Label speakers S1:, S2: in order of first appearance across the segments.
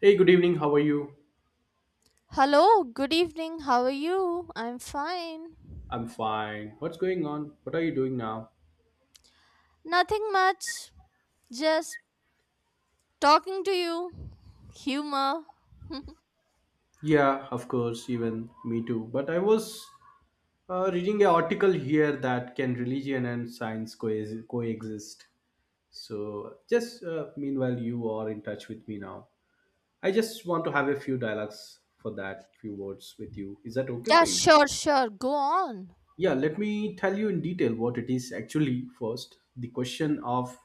S1: Hey, good evening. How are you?
S2: Hello, good evening. How are you? I'm fine.
S1: I'm fine. What's going on? What are you doing now?
S2: Nothing much. Just talking to you. Humor.
S1: Yeah, of course, even me too. But I was reading an article here that can religion and science coexist. So, just meanwhile, you are in touch with me now. I just want to have a few dialogues for that, few words with you. Is that okay for
S2: yeah,
S1: you?
S2: sure, sure. Go on.
S1: Yeah, let me tell you in detail what it is actually first. The question of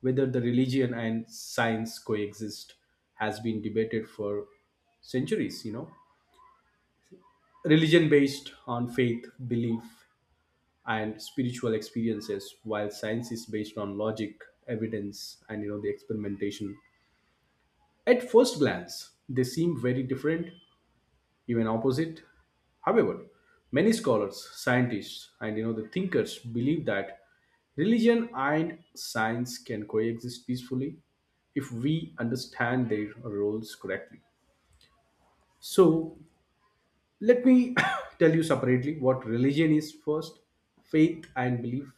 S1: whether the religion and science coexist has been debated for centuries. Religion based on faith, belief, and spiritual experiences, while science is based on logic, evidence, and the experimentation. At first glance, they seem very different, even opposite. However, many scholars, scientists, and the thinkers believe that religion and science can coexist peacefully if we understand their roles correctly. So, let me tell you separately what religion is first, faith and belief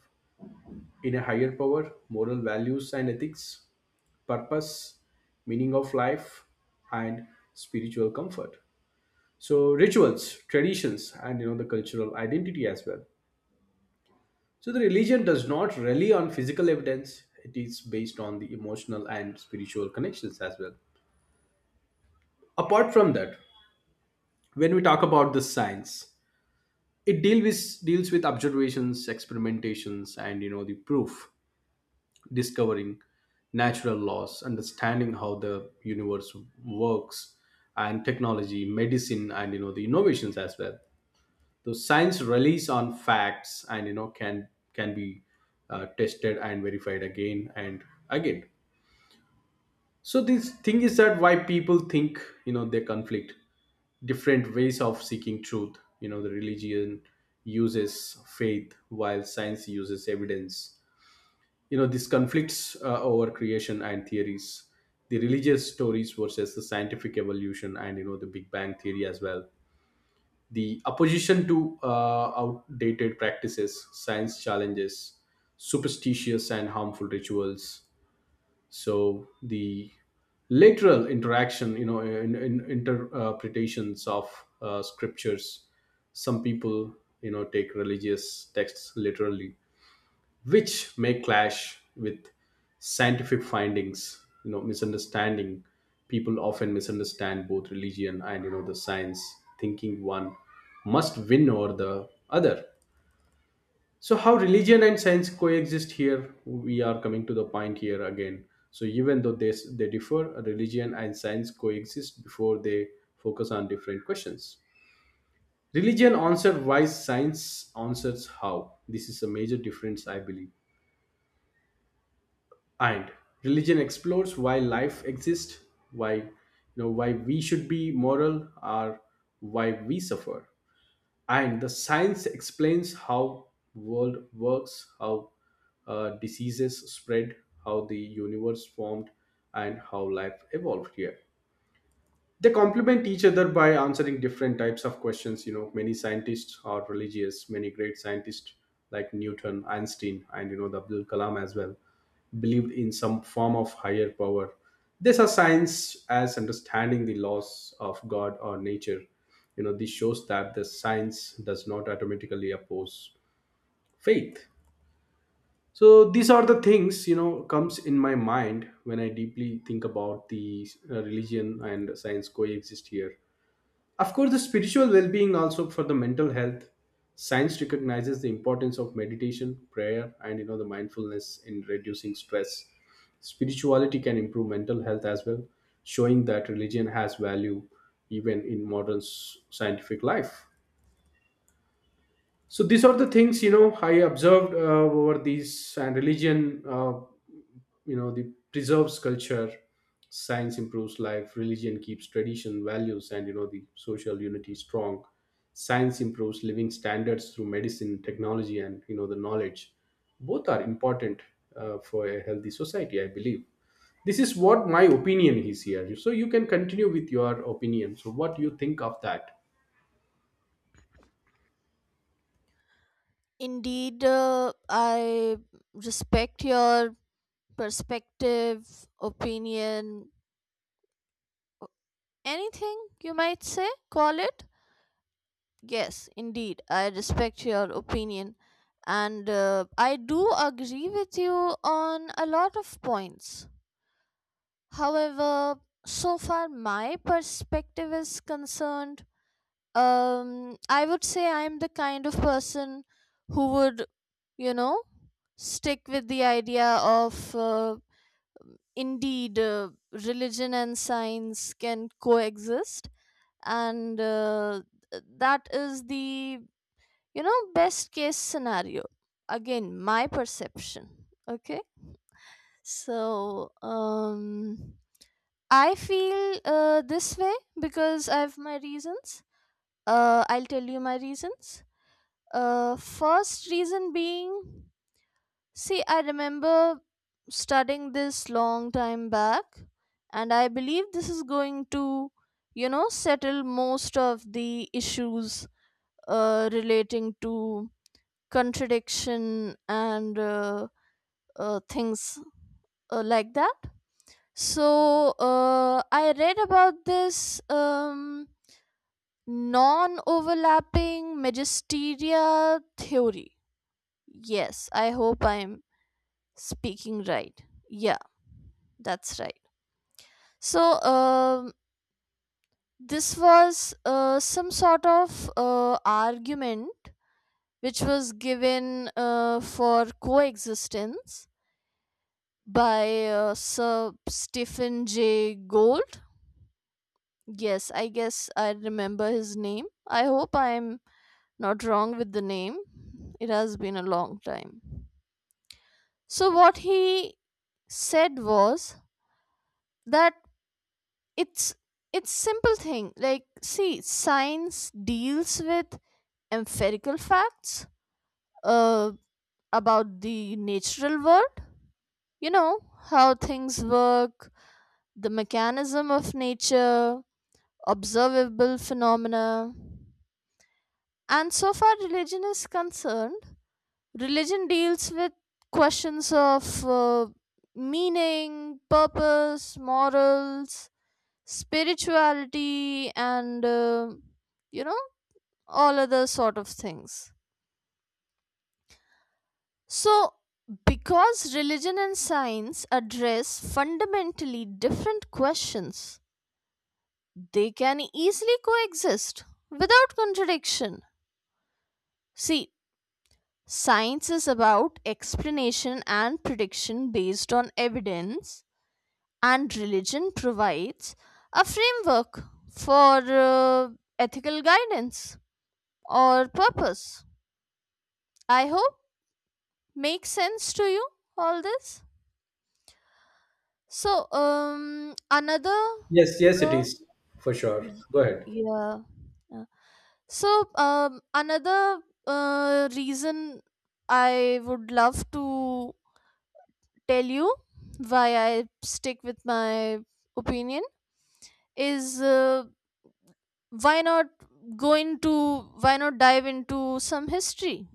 S1: in a higher power, moral values and ethics, purpose, meaning of life, and spiritual comfort. So, rituals, traditions, and the cultural identity as well. So the religion does not rely on physical evidence. It is based on the emotional and spiritual connections as well. Apart from that, when we talk about the science, it deals with observations, experimentations, and the proof, discovering natural laws, understanding how the universe works, and technology, medicine, and the innovations as well. So science relies on facts, and can be tested and verified again and again. So this thing is that why people think, they conflict, different ways of seeking truth. The religion uses faith while science uses evidence. This conflicts over creation and theories, the religious stories versus the scientific evolution and the big bang theory as well. The opposition to outdated practices, science challenges superstitious and harmful rituals. So the literal interaction, in interpretations of scriptures. Some people, take religious texts literally, which may clash with scientific findings. Misunderstanding, people often misunderstand both religion and the science, thinking one must win over the other. So how religion and science coexist? Here we are coming to the point here again. So even though they differ, religion and science coexist before they focus on different questions. Religion answers why, science answers how. This is a major difference I believe. And religion explores why life exists, why you know why we should be moral or why we suffer. And the science explains how world works, how diseases spread, how the universe formed, and how life evolved here. They complement each other by answering different types of questions. Many scientists are religious, many great scientists like Newton, Einstein, and the Abdul Kalam as well believed in some form of higher power. This are science as understanding the laws of God or nature. This shows that the science does not automatically oppose faith. So these are the things comes in my mind when I deeply think about the religion and science coexist here. Of course, the spiritual well being also for the mental health. Science recognizes the importance of meditation, prayer, and the mindfulness in reducing stress. Spirituality can improve mental health as well, showing that religion has value even in modern scientific life. So these are the things I observed over these, and religion, the preserves culture, science improves life, religion keeps tradition, values, and the social unity strong. Science improves living standards through medicine, technology, and the knowledge. Both are important for a healthy society, I believe. This is what my opinion is here. So you can continue with your opinion. So what do you think of that?
S2: Indeed, I respect your perspective, opinion, anything you might say, call it. Yes, indeed, I respect your opinion. And I do agree with you on a lot of points. However, so far my perspective is concerned, I would say I'm the kind of person who would, you know, stick with the idea of indeed religion and science can coexist, and that is the, best case scenario. Again, my perception. Okay. So, I feel this way because I have my reasons. I'll tell you my reasons. First reason being, see, I remember studying this long time back, and I believe this is going to, settle most of the issues relating to contradiction and things like that. So I read about this. Non-overlapping magisteria theory. Yes, I hope I'm speaking right. Yeah, that's right. So this was some sort of argument which was given for coexistence by Sir Stephen J. Gould. Yes, I guess I remember his name, I hope I'm not wrong with the name, it has been a long time. So what he said was that it's it's simple thing. Like see, science deals with empirical facts uh, about the natural world. You know, how things work, the mechanism of nature, observable phenomena. And so far, religion is concerned. Religion deals with questions of meaning, purpose, morals, spirituality and you know, all other sort of things. So because religion and science address fundamentally different questions, they can easily coexist without contradiction. See, science is about explanation and prediction based on evidence, and religion provides a framework for ethical guidance or purpose. I hope makes sense to you all this. So another
S1: Yes, yes, it
S2: uh,
S1: is for sure.
S2: y-
S1: Go ahead.
S2: yeah. uh, So another reason I would love to tell you why I stick with my opinion is why not go into, why not dive into some history,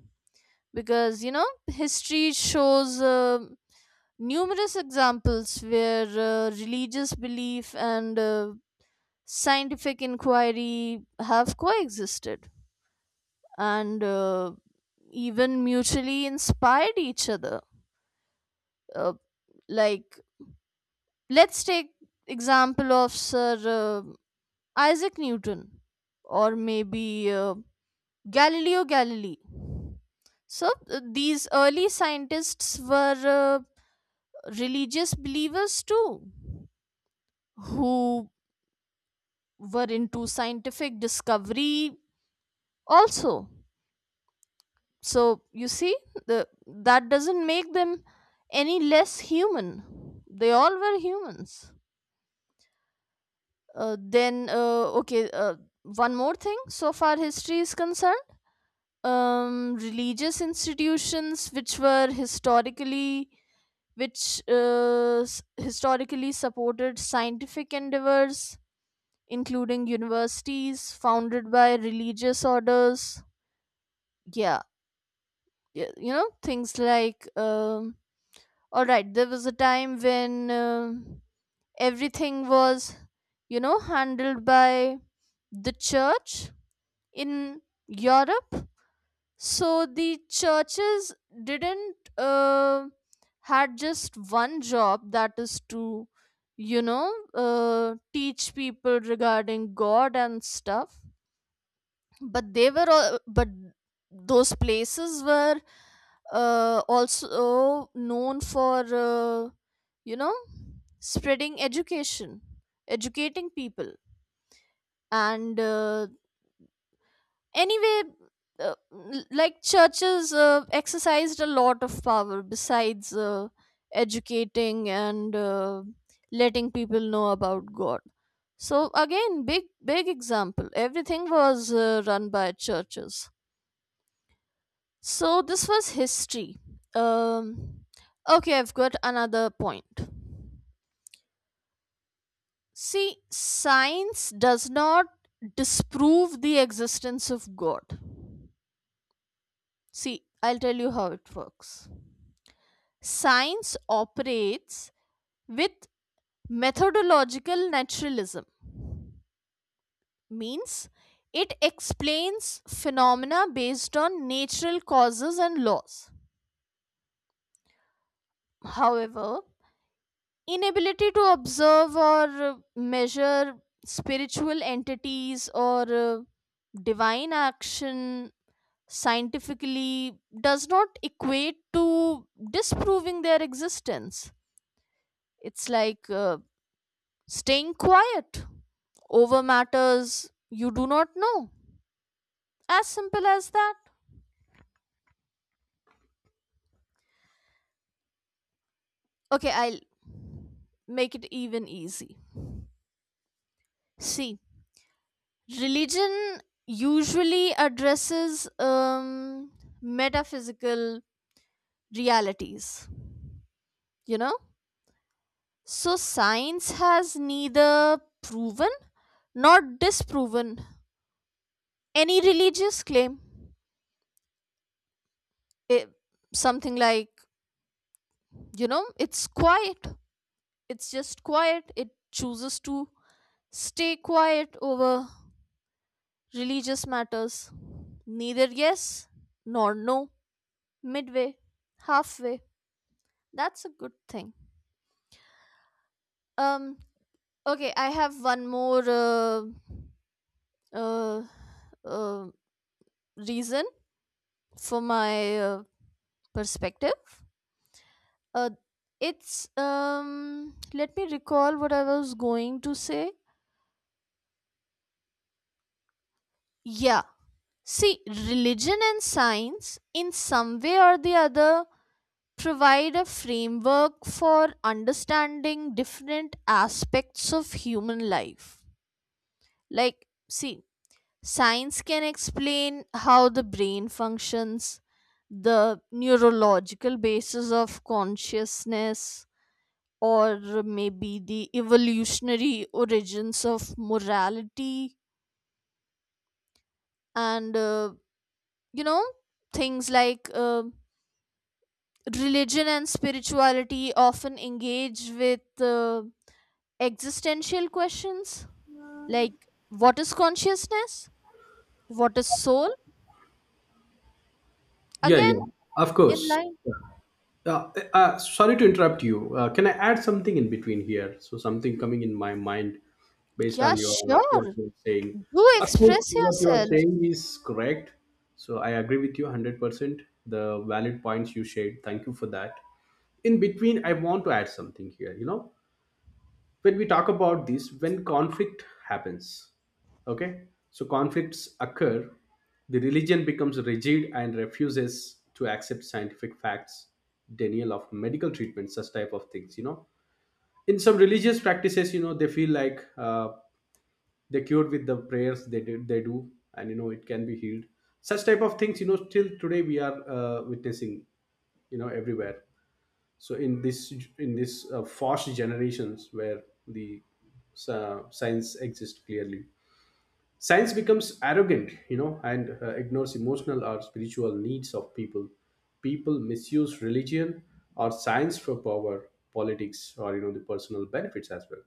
S2: because you know history shows numerous examples where religious belief and scientific inquiry have coexisted and even mutually inspired each other. uh, like, let's take example of Sir uh, Isaac Newton, or maybe Galileo Galilei. So these early scientists were religious believers too, who were into scientific discovery also. So you see, that doesn't make them any less human, they all were humans. Then okay one more thing, so far history is concerned. Religious institutions which were historically, which historically supported scientific endeavors, including universities founded by religious orders. Yeah, you know, things like all right, there was a time when everything was, you know, handled by the church in Europe. So the churches didn't uh, had just one job, that is to, you know teach people regarding God and stuff. But they were all, but those places were also known for you know spreading education, educating people, and anyway, like churches exercised a lot of power besides educating and letting people know about God. So again, big big example, everything was run by churches. So this was history. Um, okay, I've got another point. See, science does not disprove the existence of God. See, I'll tell you how it works. Science operates with methodological naturalism, means it explains phenomena based on natural causes and laws. However, inability to observe or measure spiritual entities or divine action scientifically does not equate to disproving their existence. It's like staying quiet over matters you do not know. As simple as that. Okay, I'll make it even easy. See, religion usually addresses metaphysical realities, you know? So science has neither proven nor disproven any religious claim. It, something like, you know, it's quiet. It's just quiet. It chooses to stay quiet over religious matters. Neither yes nor no. Midway, halfway. That's a good thing. Um. Okay, I have one more uh, uh, reason from my perspective, uh, it's. Let me recall what I was going to say. Yeah. See, religion and science, in some way or the other, provide a framework for understanding different aspects of human life. Like, see, science can explain how the brain functions, the neurological basis of consciousness, or maybe the evolutionary origins of morality, and you know things like religion and spirituality often engage with existential questions like, what is consciousness, what is soul,
S1: Yeah,
S2: again
S1: yeah, of
S2: in
S1: course.
S2: line.
S1: Yeah. Sorry to interrupt you. Can I add something in between here? So something coming in my mind based
S2: Yeah,
S1: on your what
S2: sure,
S1: you're saying.
S2: do
S1: Of course,
S2: express
S1: what you are
S2: yourself.
S1: saying is correct. So I agree with you 100%. The valid points you shared. Thank you for that. In between, I want to add something here. When we talk about this, when conflict happens, okay, so conflicts occur. The religion becomes rigid and refuses to accept scientific facts, denial of medical treatment, such type of things. In some religious practices, they feel like they cured with the prayers, they do, and it can be healed, such type of things. Still today we are witnessing, everywhere. So in this fast generations, where the science exists clearly, science becomes arrogant, and ignores emotional or spiritual needs of people. People misuse religion or science for power, politics, or the personal benefits as well.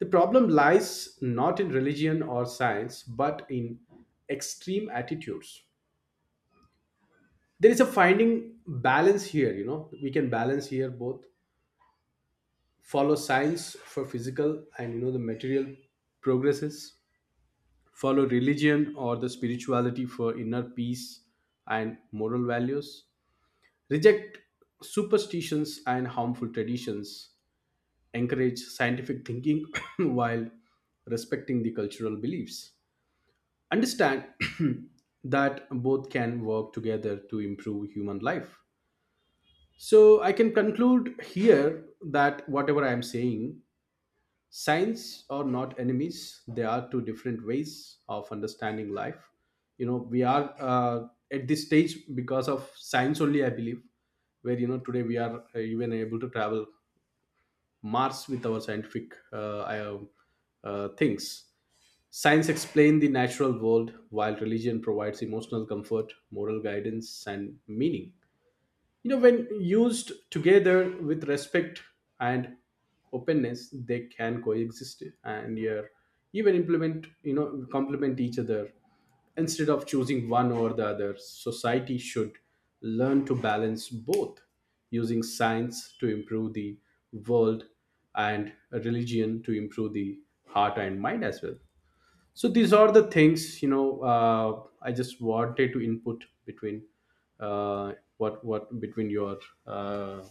S1: The problem lies not in religion or science but in extreme attitudes. There is a finding balance here. We can balance here both, follow science for physical and the material progresses, follow religion or the spirituality for inner peace and moral values, reject superstitions and harmful traditions, encourage scientific thinking while respecting the cultural beliefs, understand that both can work together to improve human life. So I can conclude here that whatever I am saying, science are not enemies. They are two different ways of understanding life. We are at this stage because of science only I believe, where today we are even able to travel Mars with our scientific things. Science explains the natural world while religion provides emotional comfort, moral guidance and meaning. When used together with respect and openness, they can coexist, and yeah, even implement you know complement each other. Instead of choosing one over the other, society should learn to balance both, using science to improve the world, and religion to improve the heart and mind as well. So these are the things. I just wanted to input between, uh, what between your uh,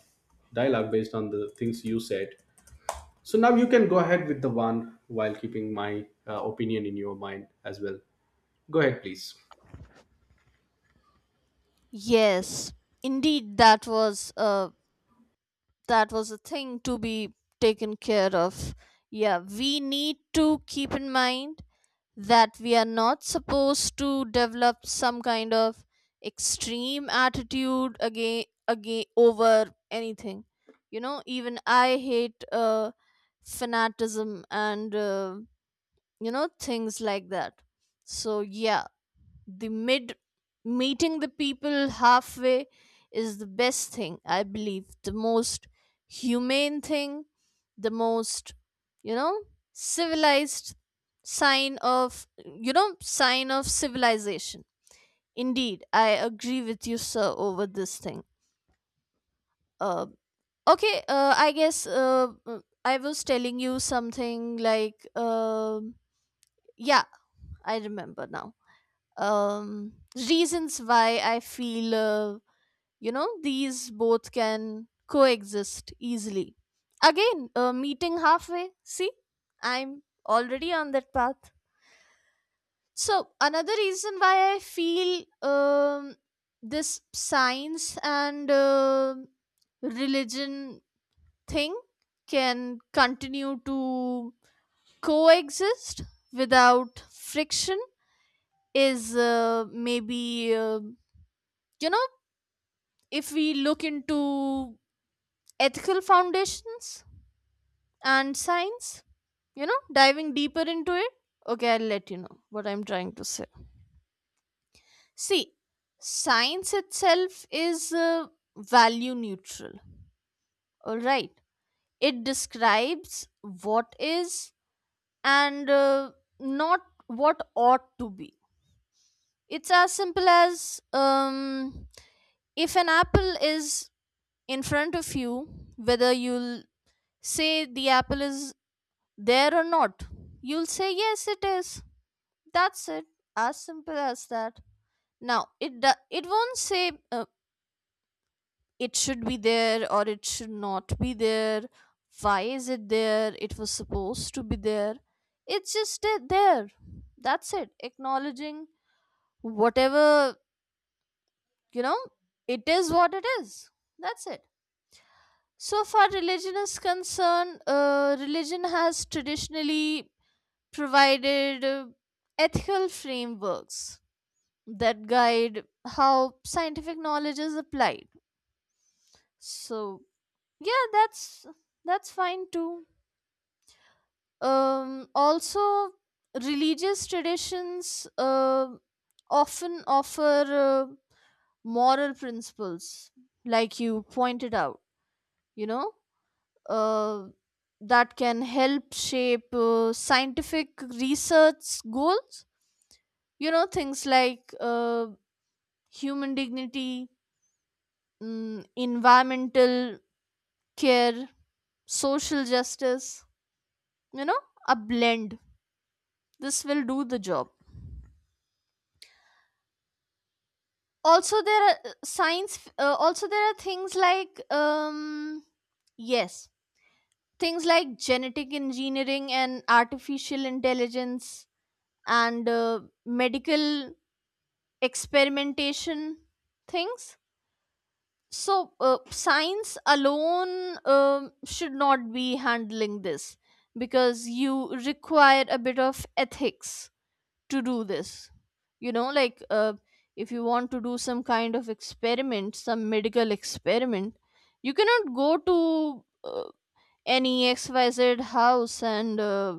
S1: dialogue based on the things you said. So now you can go ahead with the one while keeping my opinion in your mind as well. Go ahead please.
S2: Yes, indeed, that was a, that was a thing to be taken care of. Yeah, we need to keep in mind that we are not supposed to develop some kind of extreme attitude again again over anything. You know, even I hate fanaticism and you know, things like that. So yeah, the mid meeting the people halfway is the best thing, I believe. The most humane thing, the most, you know, civilized sign of, you know, sign of civilization. Indeed, I agree with you sir over this thing. uh, okay, I was telling you something like, yeah, I remember now. um reasons why I feel, you know, these both can coexist easily, again meeting halfway. See, I'm already on that path. So another reason why I feel, um, this science and religion thing can continue to coexist without friction is maybe uh, you know, if we look into ethical foundations and science, you know, diving deeper into it. Okay, I'll let you know what I'm trying to say. See, science itself is value neutral, all right? It describes what is, and not what ought to be. It's as simple as if an apple is in front of you, whether you'll say the apple is there or not, you'll say yes, it is. That's it. As simple as that. Now, it won't say uh, it should be there or it should not be there. Why is it there? It was supposed to be there. There. That's it. Acknowledging whatever, you know, it is what it is. That's it. So far, religion is concerned, religion has traditionally provided ethical frameworks that guide how scientific knowledge is applied. So yeah, that's fine too. Also, religious traditions often offer uh, moral principles, like you pointed out, you know, uh, that can help shape scientific research goals. You know, things like human dignity, mm, environmental care, social justice, you know, a blend. This will do the job. Also, there are science. Also, there are things like yes, things like genetic engineering and artificial intelligence and medical experimentation things. So, science alone should not be handling this, because you require a bit of ethics to do this. You know, like if you want to do some kind of experiment, some medical experiment, you cannot go to any XYZ house and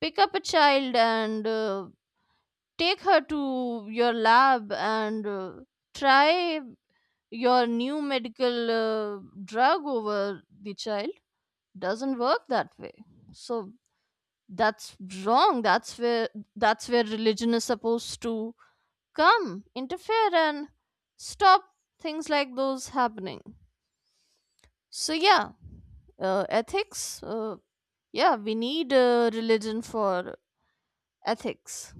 S2: pick up a child and take her to your lab and try your new medical drug over the child. Doesn't work that way. So that's wrong. That's where religion is supposed to come interfere and stop things like those happening. So yeah, ethics, yeah, we need religion for ethics.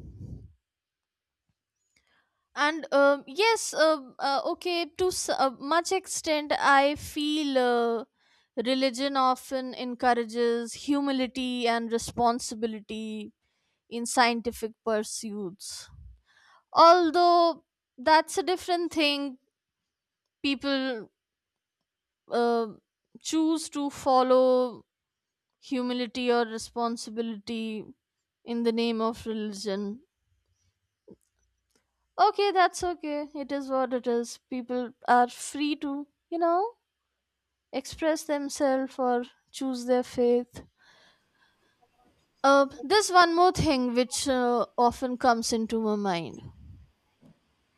S2: And yes, okay, to much extent I feel religion often encourages humility and responsibility in scientific pursuits, although that's a different thing. People uh, choose to follow humility or responsibility in the name of religion. Okay, that's okay. It is what it is. People are free to, you know, express themselves or choose their faith. There's one more thing which often comes into my mind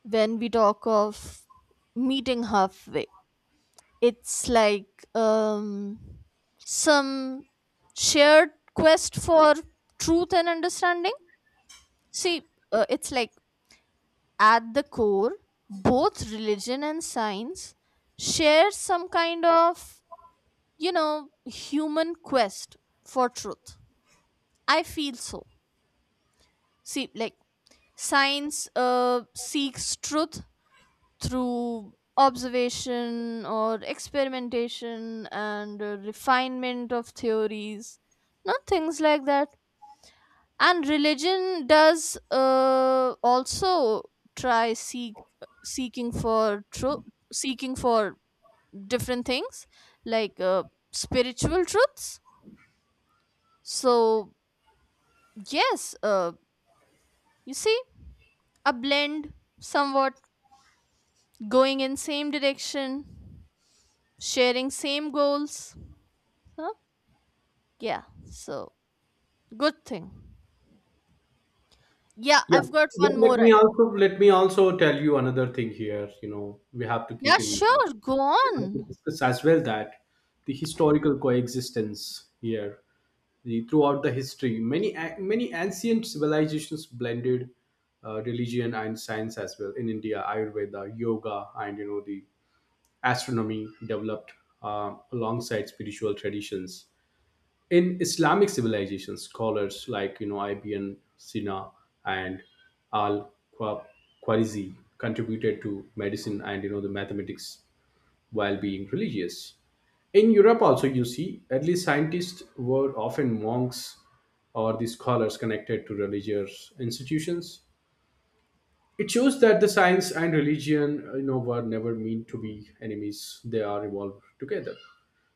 S2: when we talk of meeting halfway. It's like some shared quest for truth and understanding. See, it's like at the core, both religion and science share some kind of, you know, human quest for truth, I feel so. See, like, science seeks truth through observation or experimentation and refinement of theories, not things like that. And religion does also try seeking for truth, seeking for different things like spiritual truths. So yes, you see a blend, somewhat going in same direction, sharing same goals. Yeah, so good thing. Yeah,
S1: Yeah.
S2: I've got
S1: Let,
S2: one
S1: let
S2: more.
S1: me
S2: I-
S1: also let me also tell you another thing here. We have to keep
S2: Yeah,
S1: in mind.
S2: sure, go
S1: We have to
S2: on.
S1: discuss as well that the historical coexistence here. Throughout the history, many ancient civilizations blended religion and science as well. In India, Ayurveda, yoga, and the astronomy developed alongside spiritual traditions. In Islamic civilizations, scholars like Ibn Sina and Al Khwarizmi contributed to medicine and the mathematics while being religious. In Europe, also you see early scientists were often monks or the scholars connected to religious institutions. It shows that the science and religion, were never meant to be enemies; they are evolved together.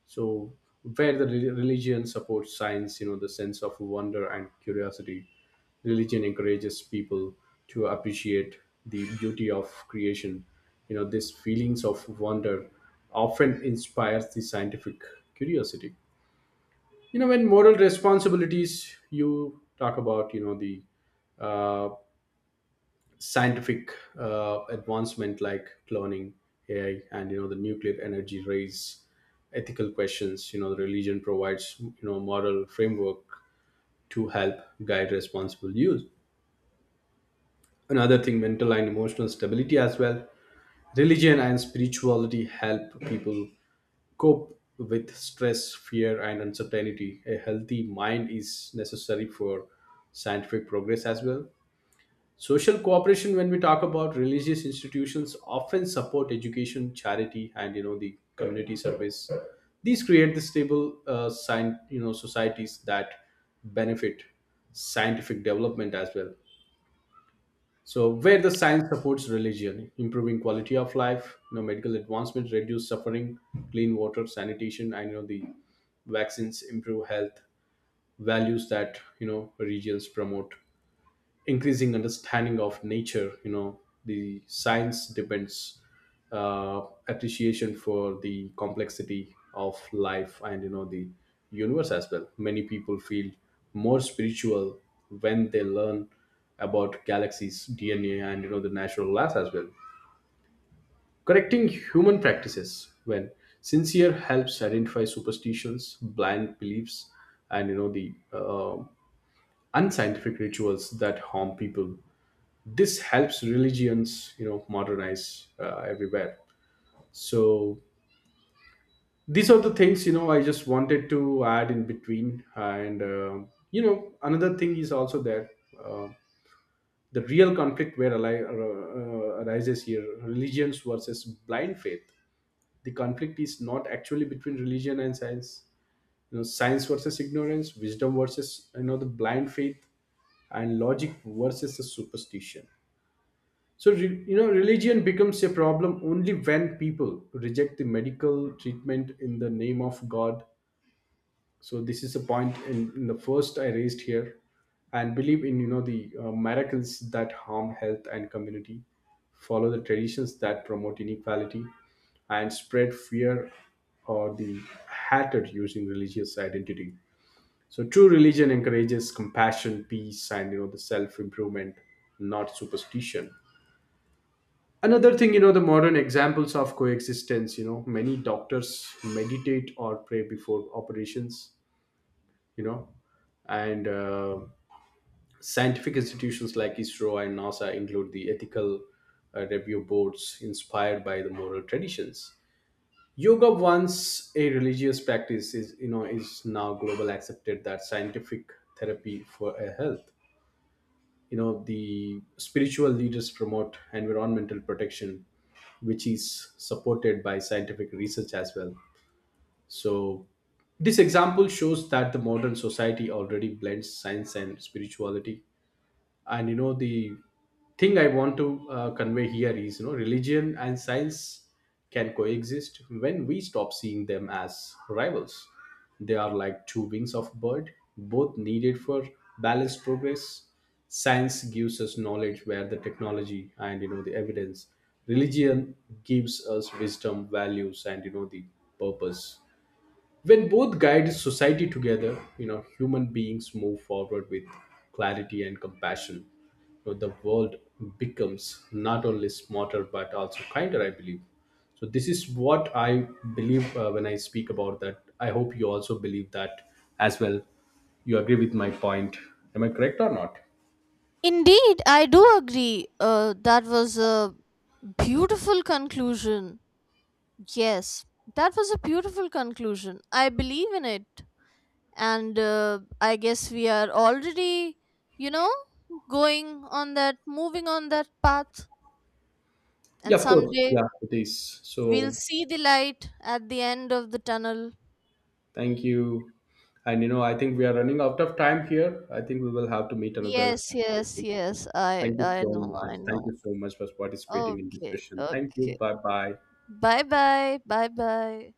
S1: So where the religion supports science, the sense of wonder and curiosity, religion encourages people to appreciate the beauty of creation. These feelings of wonder often inspires the scientific curiosity. When moral responsibilities you talk about, the uh, scientific advancement like cloning, AI, and the nuclear energy raise ethical questions. The religion provides, moral framework to help guide responsible use. Another thing, mental and emotional stability as well. Religion and spirituality help people cope with stress, fear and uncertainty. A healthy mind is necessary for scientific progress as well. Social cooperation, when we talk about religious institutions, often support education, charity, and the community service. These create the stable, societies that benefit scientific development as well. So, where the science supports religion, improving quality of life, medical advancement, reduce suffering, clean water, sanitation, and the vaccines improve health, values that regions promote, increasing understanding of nature. The science depends, uh, appreciation for the complexity of life and the universe as well. Many people feel more spiritual when they learn about galaxies, DNA, and the natural laws as well. Correcting human practices when sincere helps identify superstitions, blind beliefs and the unscientific rituals that harm people. This helps religions, modernize everywhere. So these are the things I just wanted to add in between, and another thing is also there. uh, the real conflict where arises here, religions versus blind faith. The conflict is not actually between religion and science. Science versus ignorance, wisdom versus the blind faith, and logic versus the superstition. So, religion becomes a problem only when people reject the medical treatment in the name of God. So, this is a point in the first I raised here, and believe in, the miracles that harm health and community, follow the traditions that promote inequality, and spread fear or the hatred using religious identity. So, true religion encourages compassion, peace, and the self improvement, not superstition. Another thing, the modern examples of coexistence, many doctors meditate or pray before operations, you know and scientific institutions like ISRO and NASA include the ethical review boards inspired by the moral traditions. Yoga, once a religious practice, is you know is now global accepted that scientific therapy for a health. The spiritual leaders promote environmental protection which is supported by scientific research as well. So this example shows that the modern society already blends science and spirituality. And the thing I want to convey here is, religion and science can coexist when we stop seeing them as rivals. They are like two wings of a bird, both needed for balanced progress. Science gives us knowledge, where the technology and the evidence, religion gives us wisdom, values and the purpose. When both guide society together, human beings move forward with clarity and compassion. The world becomes not only smarter but also kinder I believe. So this is what I believe, when I speak about that. I hope you also believe that as well. You agree with my point? Am I correct or not?
S2: Indeed, I do agree. That was a beautiful conclusion. Yes, that was a beautiful conclusion. I believe in it. And I guess we are already, you know, moving on that path.
S1: Yeah,
S2: And
S1: of course.
S2: someday
S1: Yeah, it is
S2: we'll
S1: so.
S2: see the light at the end of the tunnel.
S1: Thank you, and I think we are running out of time here. I think we will have to meet another
S2: Yes, yes,
S1: session.
S2: yes. I
S1: Thank you
S2: I
S1: so
S2: know,
S1: much.
S2: I
S1: Thank
S2: know.
S1: you so much for participating in
S2: Okay,
S1: discussion. Thank you.
S2: okay.
S1: Bye bye.
S2: Bye bye. Bye bye.